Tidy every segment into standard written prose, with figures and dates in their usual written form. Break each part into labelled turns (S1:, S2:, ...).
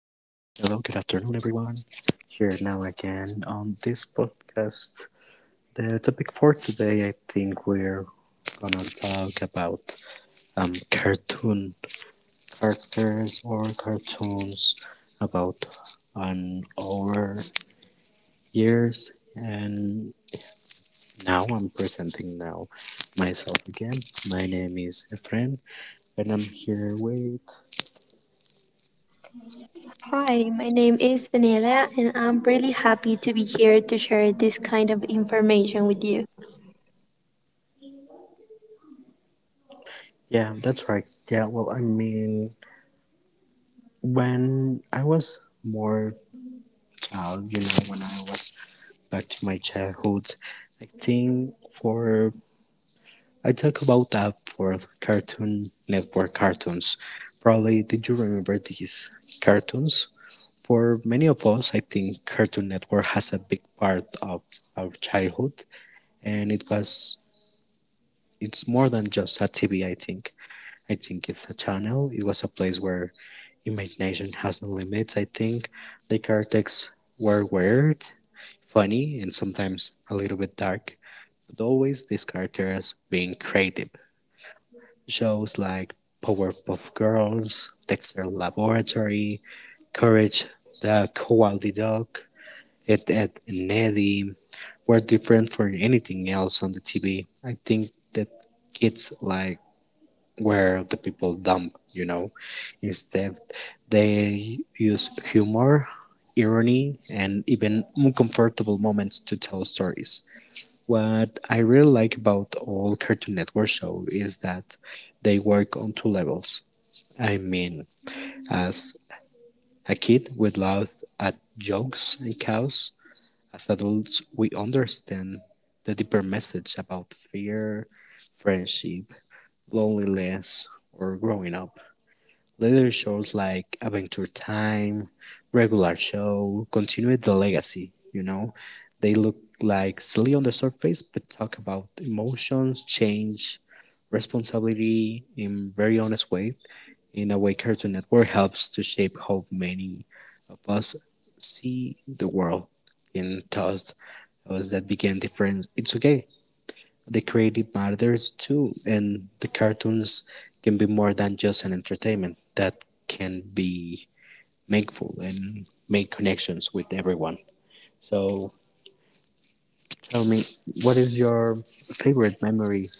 S1: Hello, good afternoon, everyone. Here now again on this podcast. The topic for today, I think we're gonna talk about cartoon characters or cartoons about on our years. And now I'm presenting now myself again. My name is Efren, and I'm here with
S2: Hi, my name is Daniela, and I'm really happy to be here to share this kind of information with you.
S1: yeah, that's right. Yeah, well, I mean, when I was more when I was back to my childhood, I think for I talk about that for Cartoon Network cartoons. Probably, did you remember these cartoons? For many of us, I think Cartoon Network has a big part of our childhood, and it's more than just a TV. I think it's a channel. It was a place where imagination has no limits. I think the characters were weird, funny, and sometimes a little bit dark, but always these characters being creative. Shows like Powerpuff Girls, Dexter Laboratory, Courage the Cowardly Dog, Ed, Ed and Eddie were different from anything else on the TV. I think that kids like where the people dump, Instead, they use humor, irony, and even uncomfortable moments to tell stories. What I really like about all Cartoon Network show is that they work on two levels. I mean, as a kid, we laugh at jokes and cows. As adults, we understand the deeper message about fear, friendship, loneliness, or growing up. Later shows like Adventure Time, regular show, continued the legacy, They look like silly on the surface, but talk about emotions, change, responsibility in very honest way. In a way, Cartoon Network helps to shape how many of us see the world and taught us that began difference. It's okay the creative matters too, and the cartoons can be more than just an entertainment. That can be meaningful and make connections with everyone. So tell me, what is your favorite memory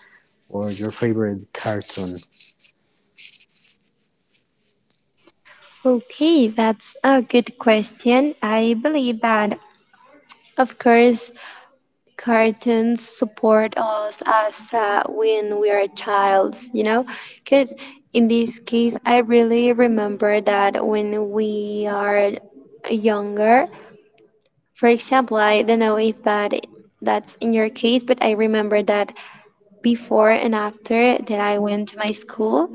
S1: or your favorite cartoon?
S2: Okay, that's a good question. I believe that, of course, cartoons support us as when we are childs, you know, because in this case, I really remember that when we are younger, for example, I don't know if that's in your case, but I remember that before and after that I went to my school,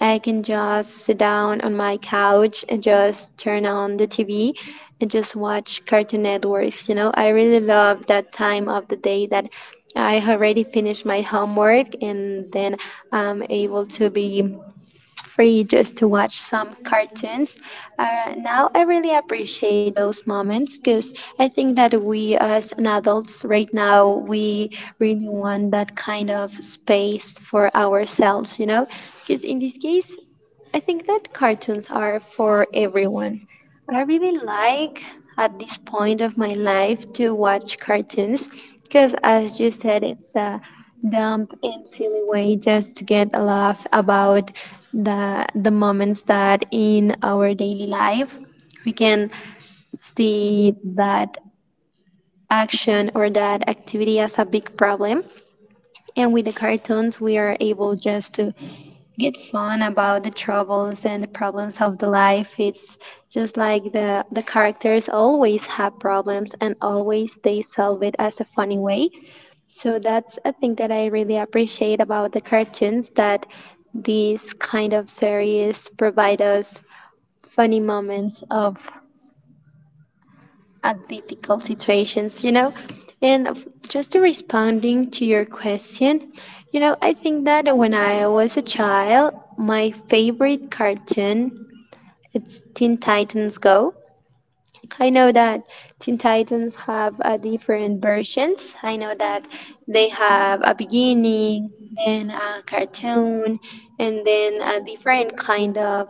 S2: I can just sit down on my couch and just turn on the TV and just watch Cartoon Networks. You know, I really love that time of the day that I already finished my homework and then I'm able to be free just to watch some cartoons. Now I really appreciate those moments because I think that we as an adults right now we really want that kind of space for ourselves, you know. Because in this case, I think that cartoons are for everyone. I really like at this point of my life to watch cartoons because, as you said, it's a dumb and silly way just to get a laugh about the moments that in our daily life we can see that action or that activity as a big problem, and with the cartoons we are able just to get fun about the troubles and the problems of the life. It's just like the characters always have problems and always they solve it as a funny way. So that's a thing that I really appreciate about the cartoons, that these kind of series provide us funny moments of at difficult situations, you know? Just to responding to your question, you know, I think that when I was a child, my favorite cartoon it's Teen Titans Go. I know that Teen Titans have different versions. I know that they have a beginning, then a cartoon, and then a different kind of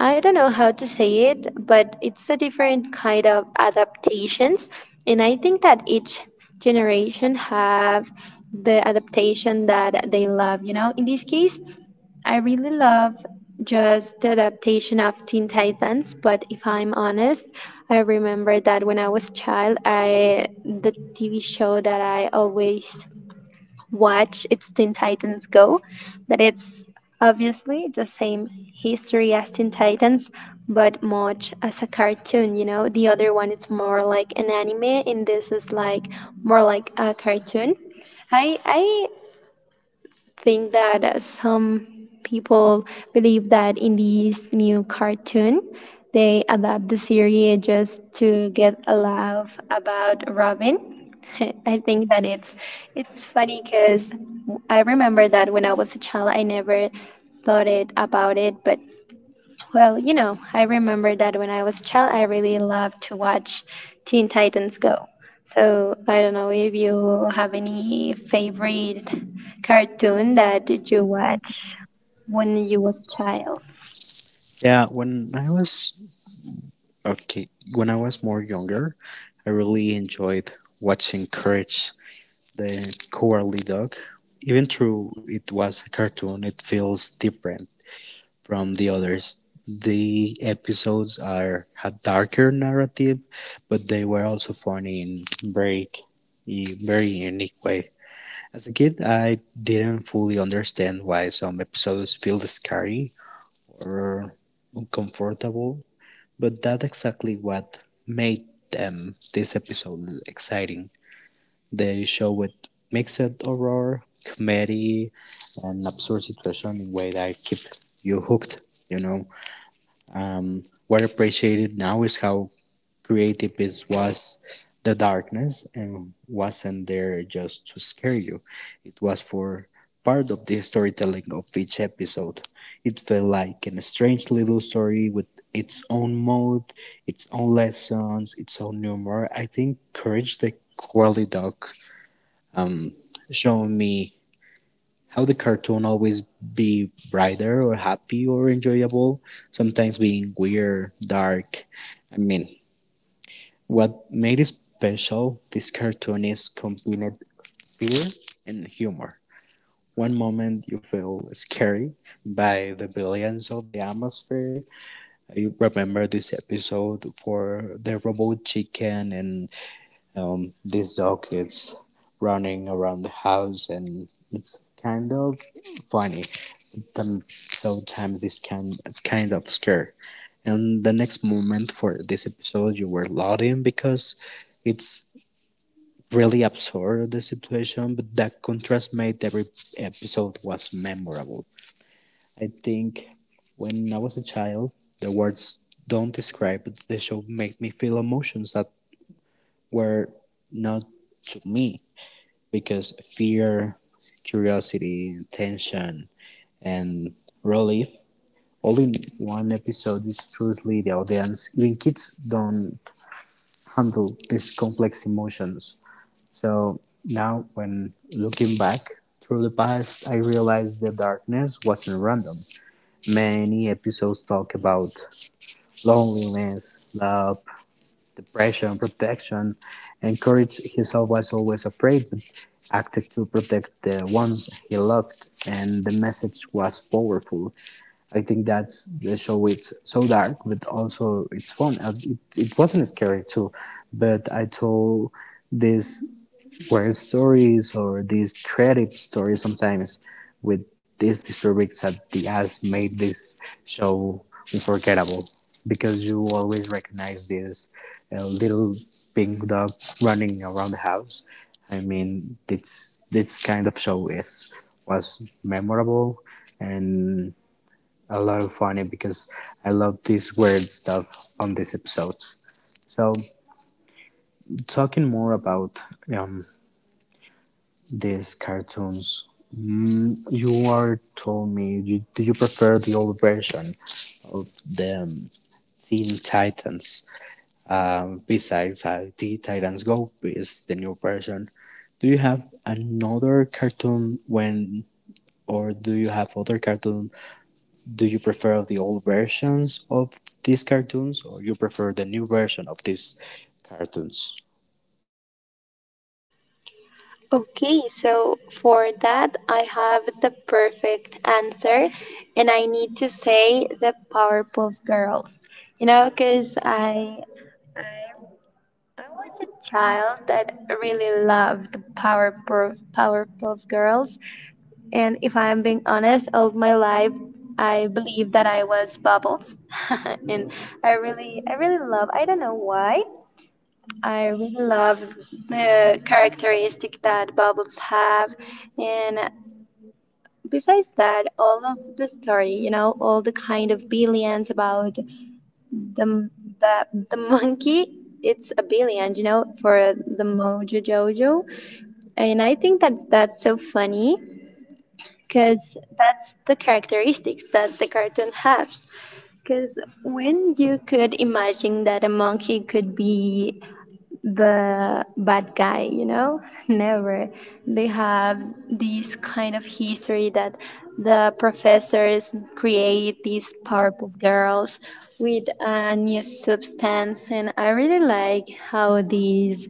S2: I don't know how to say it, but it's a different kind of adaptations, and I think that each generation have the adaptation that they love. You know, in this case, I really love just the adaptation of Teen Titans. But if I'm honest, I remember that when I was child, I the TV show that I always watch its Teen Titans Go, that it's obviously the same history as Teen Titans, but much as a cartoon, you know. The other one is more like an anime and this is like more like a cartoon. I think that some people believe that in this new cartoon, they adapt the series just to get a laugh about Robin. I think that it's funny because I remember that when I was a child, I never thought it about it, but well, you know, I remember that when I was a child, I really loved to watch Teen Titans Go. So I don't know if you have any favorite cartoon that you watch when you was a child.
S1: Yeah, when I was okay, when I was more younger, I really enjoyed watching Courage the Cowardly Dog. Even though it was a cartoon, it feels different from the others. The episodes are had darker narrative, but they were also funny in very very unique way. As a kid, I didn't fully understand why some episodes feel scary or uncomfortable, but that's exactly what made them this episode exciting. They show it mixed horror, comedy, and absurd situation in a way that keep you hooked, What I appreciated now is how creative it was the darkness and wasn't there just to scare you. It was for part of the storytelling of each episode. It felt like a strange little story with its own mode, its own lessons, its own humor. I think Courage the Cowardly Dog um, showed me how the cartoon always be brighter or happy or enjoyable, sometimes being weird, dark. I mean, what made it special, this cartoon is combined fear and humor. One moment you feel scary by the brilliance of the atmosphere. I remember this episode for the robot chicken and this dog is running around the house and it's kind of funny them sometimes this can kind of scare, and the next moment for this episode, you were laughing because it's really absurd the situation, but that contrast made every episode was memorable. I think when I was a child, the words don't describe but the show made me feel emotions that were not to me because fear, curiosity, tension, and relief only one episode is truly the audience. Even kids don't handle these complex emotions. So now, when looking back through the past, I realized the darkness wasn't random. Many episodes talk about loneliness, love, depression, protection, and courage. Himself was always afraid, but acted to protect the ones he loved, and the message was powerful. I think that's the show. It's so dark, but also it's fun. It wasn't scary too, but I told these weird stories or these creative stories sometimes with these disturbings that the has made this show unforgettable because you always recognize this little pink dog running around the house. I mean, this kind of show is was memorable and a lot of funny because I love this weird stuff on these episodes. So, talking more about um, these cartoons, mm, you are told me, you, do you prefer the old version of the Teen Titans? Besides Teen Titans Go is the new version. Do you have another cartoon when, or do you have other cartoon do you prefer the old versions of these cartoons or you prefer the new version of these cartoons?
S2: Okay, so for that, I have the perfect answer, and I need to say the Powerpuff Girls. You know, because I I was a child that really loved Powerpuff Girls, and if I'm being honest, all my life I believed that I was Bubbles, and I really love. I don't know why. I really love the characteristic that Bubbles have, and besides that, all of the story, you know, all the kind of billions about the the, the monkey it's a billion, you know, for the Mojo Jojo. And I think that's so funny because that's the characteristics that the cartoon has, because when you could imagine that a monkey could be the bad guy, you know? Never they have this kind of history, that the professors create these Powerpuff Girls with a new substance, and I really like how these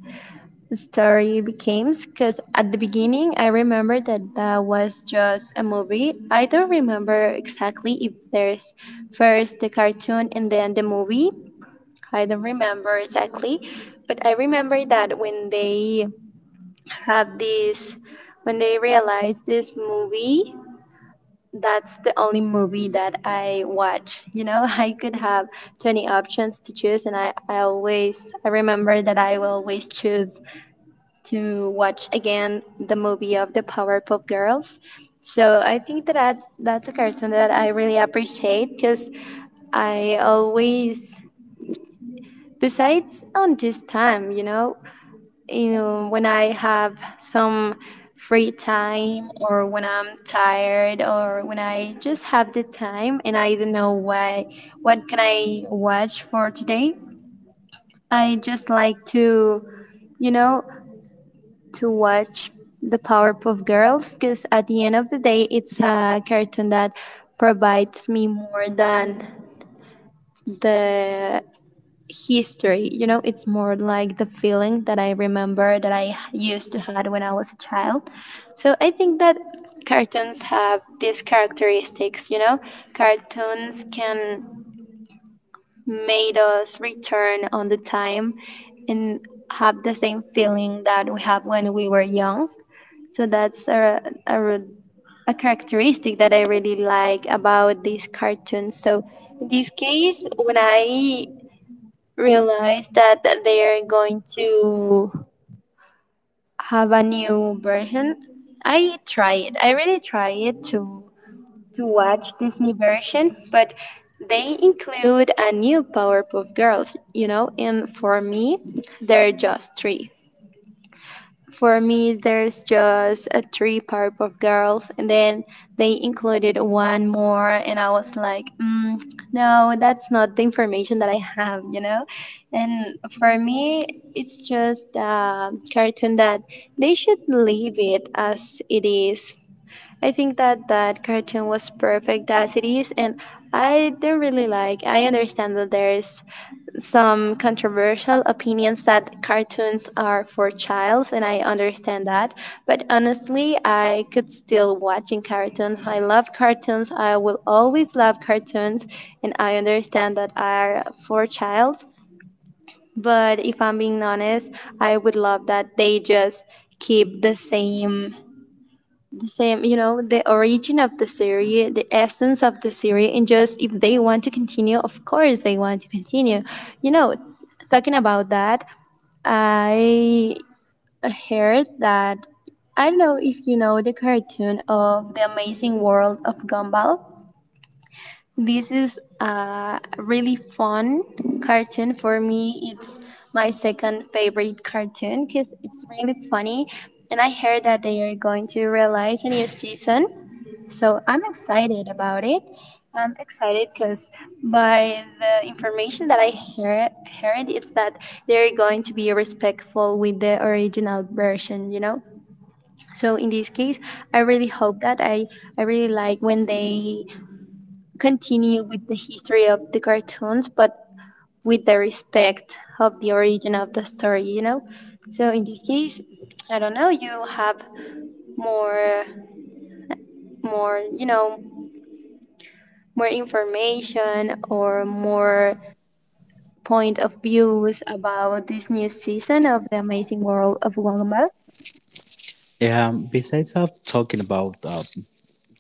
S2: story became, because at the beginning I remember that that was just a movie. I don't remember exactly if there's first the cartoon and then the movie. I don't remember exactly, but I remember that when they have this, when they realize this movie, that's the only movie that I watch. You know, I could have 20 options to choose, and I always, I remember that I will always choose to watch again the movie of the Powerpuff Girls. So I think that that's a cartoon that I really appreciate because I always, besides on this time, you know, when I have some free time or when I'm tired or when I just have the time and I don't know why, what can I watch for today, I just like to, you know, to watch the Powerpuff Girls because at the end of the day, it's a cartoon that provides me more than the history. You know, it's more like the feeling that I remember that I used to had when I was a child. So I think that cartoons have these characteristics. You know, cartoons can made us return on the time and have the same feeling that we have when we were young. So that's a, a characteristic that I really like about these cartoons. So in this case, when I realized that they are going to have a new version, I tried. I really tried to watch this new version, but they include a new Powerpuff Girls, you know, and for me, they're just three. For me, there's just a three part of Girls, and then they included one more, and I was like, mm, no, that's not the information that I have, you know. And for me, it's just a cartoon that they should leave it as it is. I think that that cartoon was perfect as it is, and I don't really like. I understand that there's some controversial opinions that cartoons are for childs, and I understand that, but honestly I could still watching cartoons. I love cartoons, I will always love cartoons, and I understand that are for childs, but if I'm being honest, I would love that they just keep the same, you know, the origin of the series, the essence of the series, and just if they want to continue, of course they want to continue, you know. Talking about that, I heard that I don't know if you know the cartoon of the Amazing World of Gumball. This is a really fun cartoon. For me, it's my second favorite cartoon because it's really funny. And I heard that they are going to release a new season. So I'm excited about it. I'm excited because by the information that heard, it's that they're going to be respectful with the original version, you know? So in this case, I really hope that I really like when they continue with the history of the cartoons, but with the respect of the origin of the story, you know? So in this case, I don't know, you have more, more, you know, more information or more point of views about this new season of The Amazing World of Gumball.
S1: Yeah, besides of talking about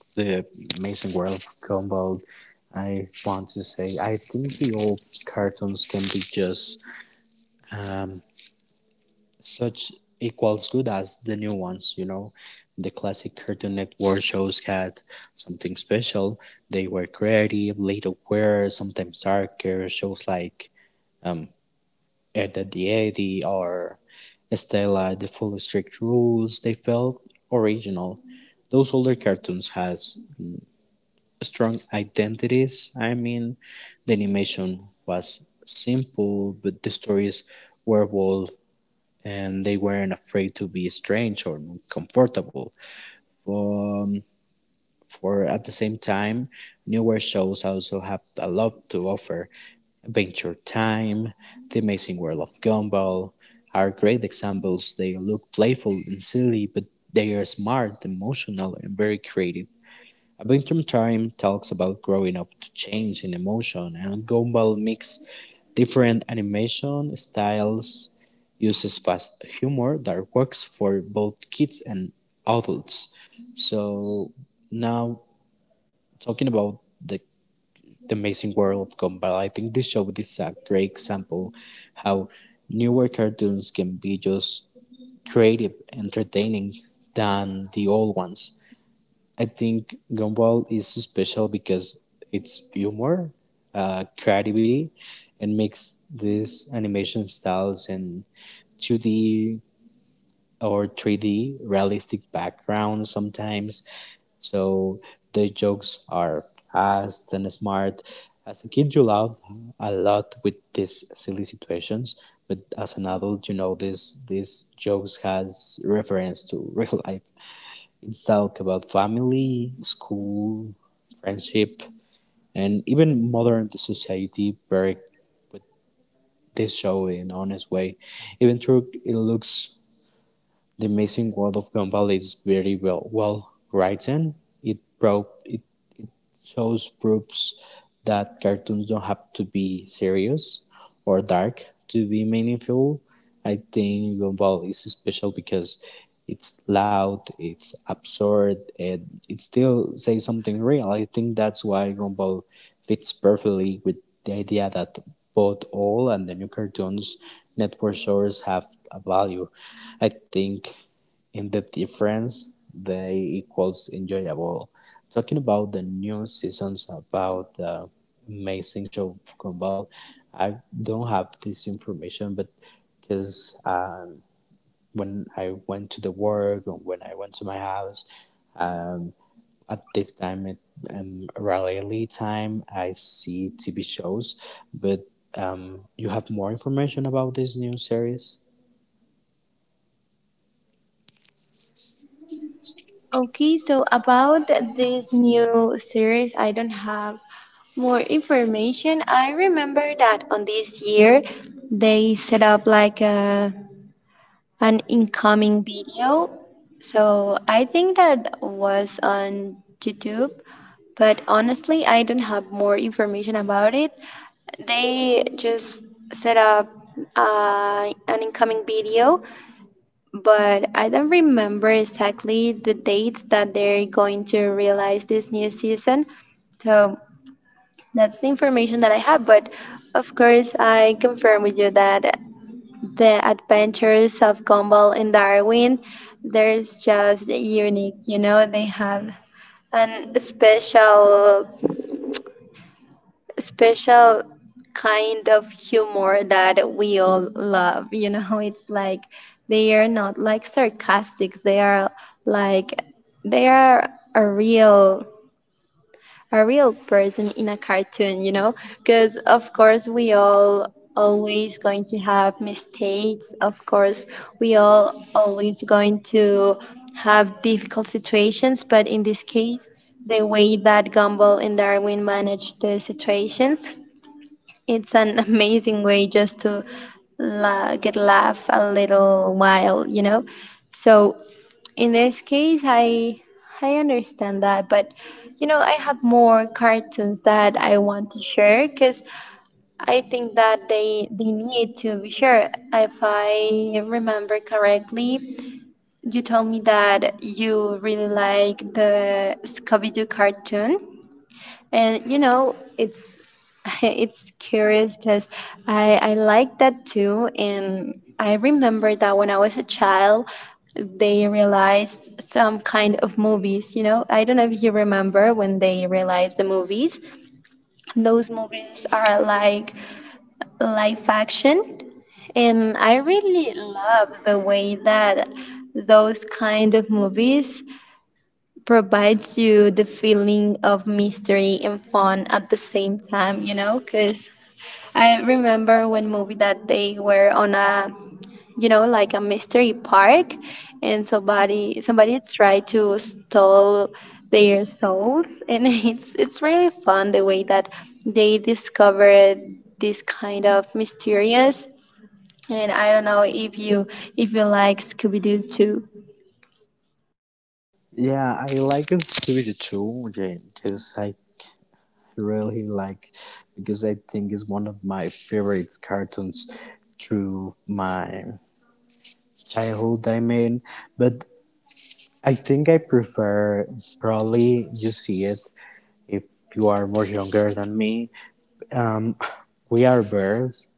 S1: the Amazing World of Gumball, I want to say I think the old cartoons can be just um, such equals good as the new ones, you know. The classic Cartoon Network shows had something special. They were creative, laid aware, sometimes darker. Shows like um. and that the eighty are still the full strict rules. They felt original. Those older cartoons has strong identities. I mean, the animation was simple, but the stories were bold, and they weren't afraid to be strange or uncomfortable. For for at the same time, newer shows also have a lot to offer. Adventure Time, The Amazing World of Gumball are great examples. They look playful and silly, but they are smart, emotional, and very creative. Adventure Time talks about growing up to change in emotion, and Gumball mix different animation styles, uses fast humor that works for both kids and adults. So now talking about the Amazing World of Gumball. I think this show is a great example how newer cartoons can be just creative, entertaining than the old ones. I think Gumball is special because it's humor, creativity, and makes these animation styles and 2D or 3D realistic background sometimes. So the jokes are fast and smart. As a kid, you laugh a lot with these silly situations, but as an adult, you know this these jokes has reference to real life. It's talk about family, school, friendship, and even modern society. Very with this show in honest way, even though it looks the amazing world of Gumball is very well written. It shows proofs that cartoons don't have to be serious or dark to be meaningful. I think Gumball is special because it's loud, it's absurd, and it still says something real. I think that's why Gumball fits perfectly with the idea that both old and the new cartoons network shows have a value. I think in the difference they equals enjoyable talking about the new seasons about the amazing show of Gumball I don't have this information but because when I went to the work or when I went to my house um, at this time it, around early time I see TV shows but you have more information about this new series.
S2: Okay, so about this new series, I don't have more information. I remember that on this year they set up like an incoming video. So I think that was on YouTube, but honestly, I don't have more information about it. They just set up an incoming video, but I don't remember exactly the dates that they're going to realize this new season. So that's the information that I have. But of course, I confirm with you that the adventures of Gumball and Darwin, there's just unique. You know, they have an special special kind of humor that we all love. You know, it's like they are not like sarcastic. They are like they are a real a real person in a cartoon. You know, because of course we all always going to have mistakes. Of course, we all always going to have difficult situations. But in this case. The way that Gumball and Darwin managed the situations it's an amazing way just to get laugh a little while, you know. So in this case, i understand that, but you know, I have more cartoons that I want to share because I think that they need to be shared. If I remember correctly, you told me that you really like the Scooby-Doo cartoon, and you know, it's it's curious because I like that too, and I remember that when I was a child, they realized some kind of movies. You know, I don't know if you remember when they realized the movies. Those movies are like live action, and I really love the way that those kind of movies provides you the feeling of mystery and fun at the same time, you know? Because I remember one movie that they were on a, like a mystery park, and somebody tried to steal their souls, and it's really fun the way that they discovered this kind of mysterious. And I don't know if you like Scooby Doo too.
S1: Yeah, I like his Speed too. Yeah, just like really like because I think it's one of my favorite cartoons through my childhood. I mean, but I think I prefer probably you see it if you are more younger than me. Um, we are birds.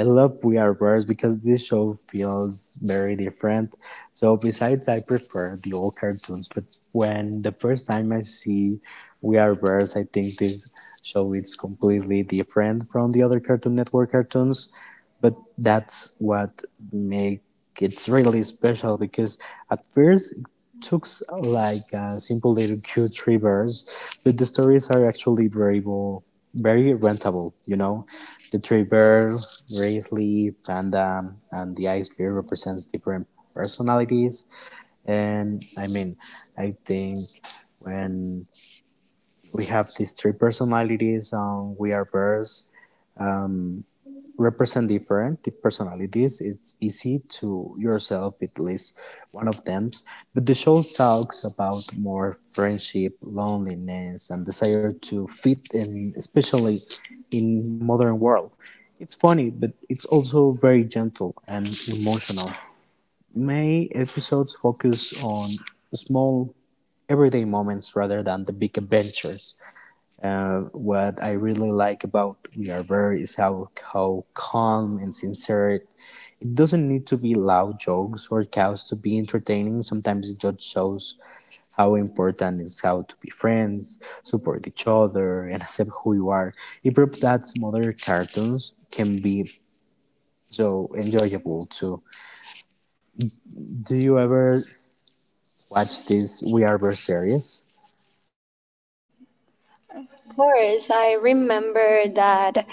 S1: I love We Are Birds because this show feels very different. So besides, I prefer the old cartoons, but when the first time I see We Are Birds, I think this show is completely different from the other Cartoon Network cartoons. But that's what make it's really special because at first looks like simple little cute rivers, but the stories are actually very, very rentable. You know, the three bears, Raisley, Panda, and the ice bear represents different personalities. And I mean, I think when we have these three personalities, we are bears represent different personalities. It's easy to yourself at least one of them. But the show talks about more friendship, loneliness, and desire to fit in, especially in a modern world. It's funny, but it's also very gentle and emotional. Many episodes focus on small everyday moments rather than the big adventures. Uh, what I really like about We Are Bird is how calm and sincere it. Doesn't need to be loud jokes or cows to be entertaining. Sometimes it just shows how important is how to be friends, support each other, and accept who you are. It proves that modern cartoons can be so enjoyable too. Do you ever watch this We Are Bird series?
S2: Of course, I remember that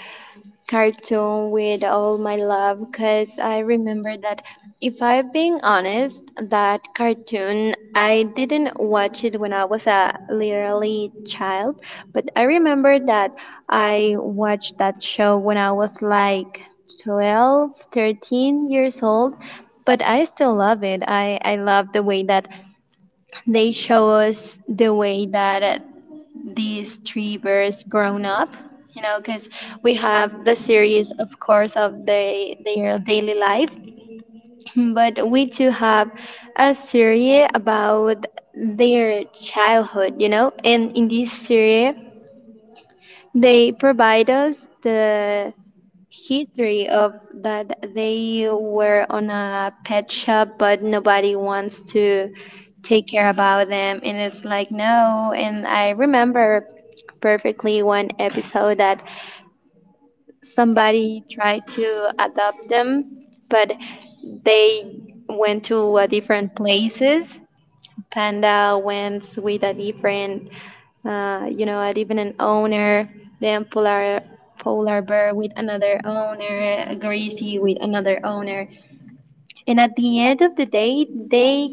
S2: cartoon with all my love, because I remember that, if I'm being honest, that cartoon I didn't watch it when I was a literally child, but I remember that I watched that show when I was like 12, 13 years old. But I still love it. I love the way that they show us the way that these three birds grown up, you know, because we have the series, of course, of the, their daily life, but we too have a series about their childhood, you know. And in this series, they provide us the history of that they were on a pet shop, but nobody wants to take care about them. And it's like no. And I remember perfectly one episode that somebody tried to adopt them, but they went to a different places. Panda went with a different and even an owner, then polar bear with another owner, a greasy with another owner, and at the end of the day, they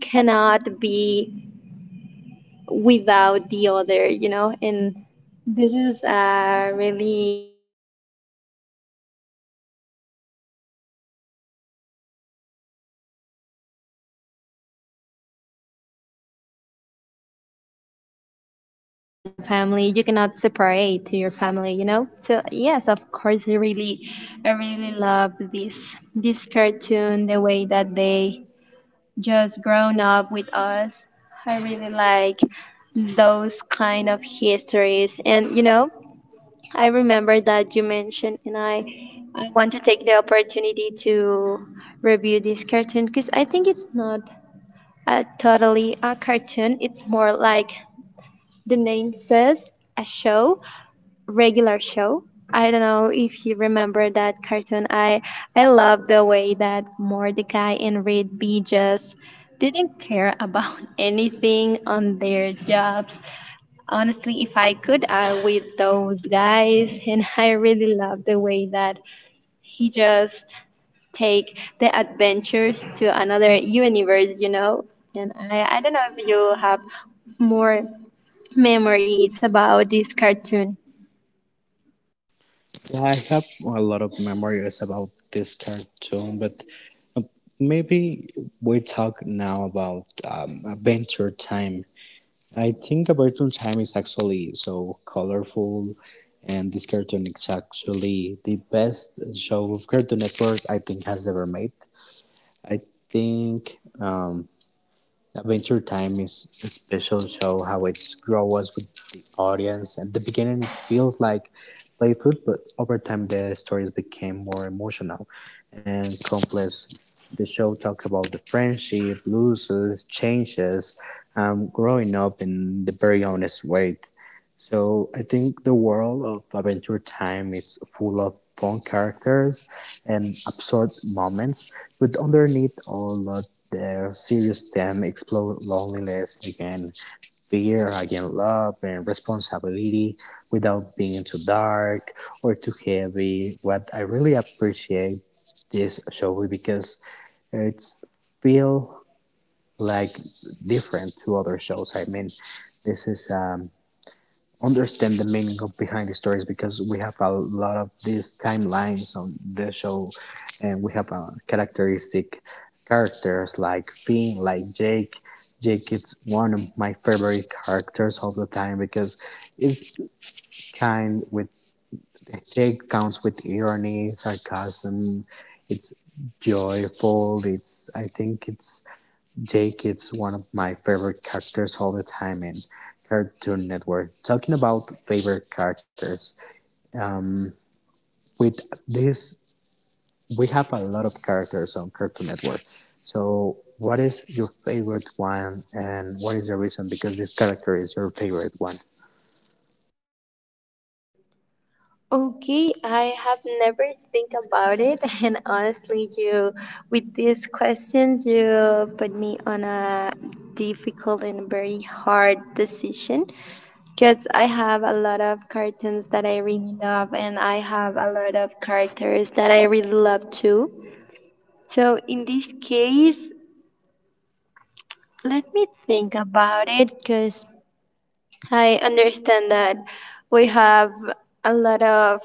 S2: cannot be without the other, you know? And this is a really kind message, a really lovely message, because at the end of the day, all that you have it's your family. And you need to stay with your family. You need to carry about your family. You cannot separate to your family, you know. So yes, of course, I really love this cartoon. The way that they just grown up with us. I really like those kind of histories. And you know, I remember that you mentioned, and I want to take the opportunity to review this cartoon, because I think it's not a, totally a cartoon, it's more like the name says, a show, regular show. I don't know if you remember that cartoon. I love the way that Mordecai and Rigby just didn't care about anything on their jobs. Honestly, if I could, I would those guys, and I really love the way that he just take the adventures to another universe. You know, and I don't know if you have more memories about this cartoon.
S1: Well, I have a lot of memories about this cartoon, but uh, maybe we talk now about Adventure Time. I think Adventure Time is actually so colorful, and this cartoon is actually the best show of Cartoon Network I think has ever made. I think. Adventure Time is a special show how it grows with the audience. At the beginning, it feels like playful, but over time, the stories became more emotional and complex. The show talks about the friendship, losses, changes, growing up in the very honest way. So I think the world of Adventure Time is full of fun characters and absurd moments but underneath all of their serious them explore loneliness again, fear, again love and responsibility without being too dark or too heavy. What I really appreciate this show is because it's feel like different to other shows. I mean, this is understand the meaning of behind the stories because we have a lot of these timelines on the show and we have a characteristic characters like Finn, like Jake. Jake is one of my favorite characters of the time because it's kind with Jake counts with irony, sarcasm, it's joyful, it's I think it's Jake is one of my favorite characters all the time in Cartoon Network. Talking about favorite characters, um, with this, we have a lot of characters on Cartoon Network. So, what is your favorite one, and what is the reason? Because this character is your favorite one.
S2: Okay, I have never think about it, and honestly, you, with this question, you put me on a difficult and very hard decision, because I have a lot of cartoons that I really love, and I have a lot of characters that I really love too. So in this case, let me think about it, because I understand that we have a lot of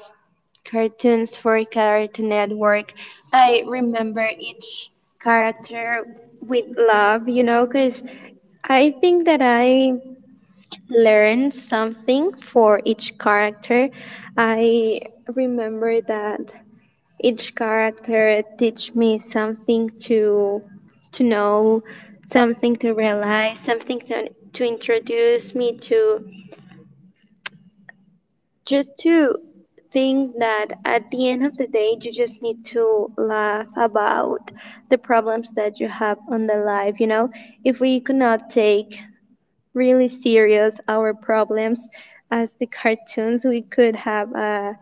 S2: cartoons for Cartoon Network. I remember each character with love, you know, because I think that I learned something for each character. I remember that each character teach me something to know, something to realize, something to introduce me to, just to think that at the end of the day you just need to laugh about the problems that you have on the life, you know. If we cannot take really serious our problems as the cartoons, we could have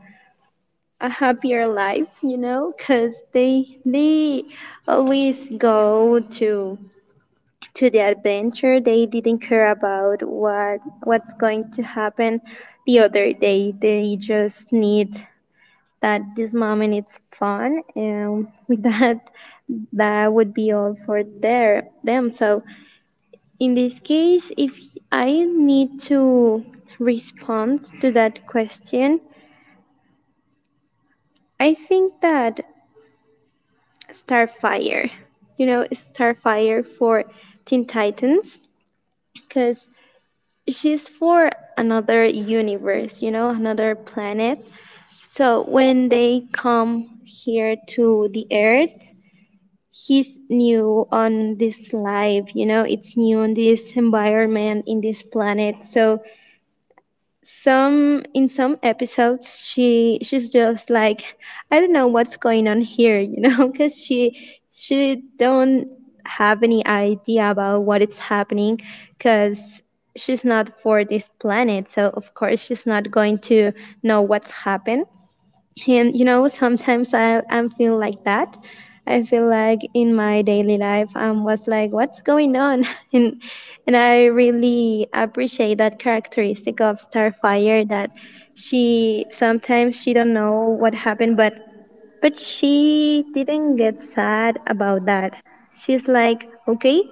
S2: a happier life, you know, because they always go to the adventure. They didn't care about what's going to happen the other day. They just need that this moment it's fun. And with that, that would be all for their them. So in this case, if I need to respond to that question, I think that Starfire, you know, Starfire for Teen Titans, because she's for another universe, you know, another planet. So when they come here to the Earth, he's new on this life, you know, it's new on this environment in this planet. So some, in some episodes, she's just like, I don't know what's going on here, you know. Because she don't have any idea about what is happening, because she's not for this planet, so of course she's not going to know what's happened. And you know, sometimes I feel like that, I feel like in my daily life I, was like, what's going on? and and I really appreciate that characteristic of Starfire, that she sometimes she don't know what happened, but she didn't get sad about that. She's like, okay,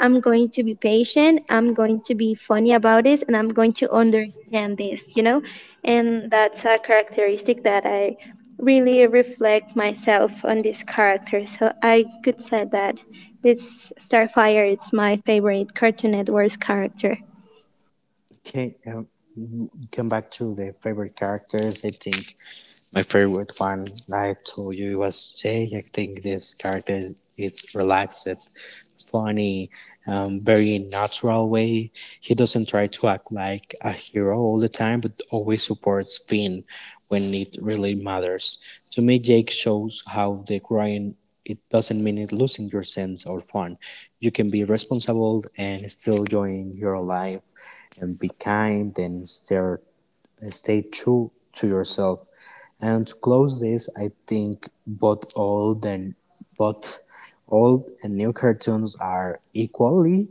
S2: I'm going to be patient. I'm going to be funny about this, and I'm going to understand this, you know? And that's a characteristic that I really reflect myself on this character. So I could say that this Starfire is my favorite Cartoon Network's character.
S1: Okay, come back to the favorite characters. I think my favorite one, I told you, was Jay. I think this character is relaxed, funny, very natural way. He doesn't try to act like a hero all the time, but always supports Finn when it really matters. To me, Jake shows how the crying it doesn't mean it losing your sense or fun. You can be responsible and still join your life and be kind and stay true to yourself and to close this, I think both old and new cartoons are equally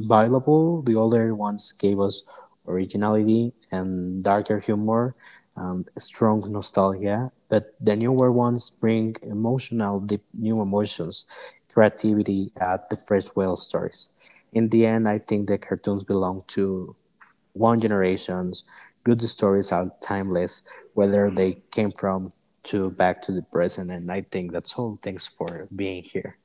S1: valuable. The older ones gave us originality and darker humor and strong nostalgia, but the newer ones bring emotional, deep new emotions, creativity at the fresh well stories. In the end, I think the cartoons belong to long generations. Good stories are timeless, whether they came from to back to the present. And I think that's all. Thanks for being here.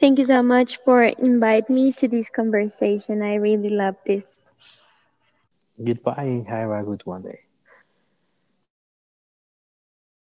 S2: Thank you so much for inviting me to this conversation. I really love this.
S1: Goodbye and have a good one day.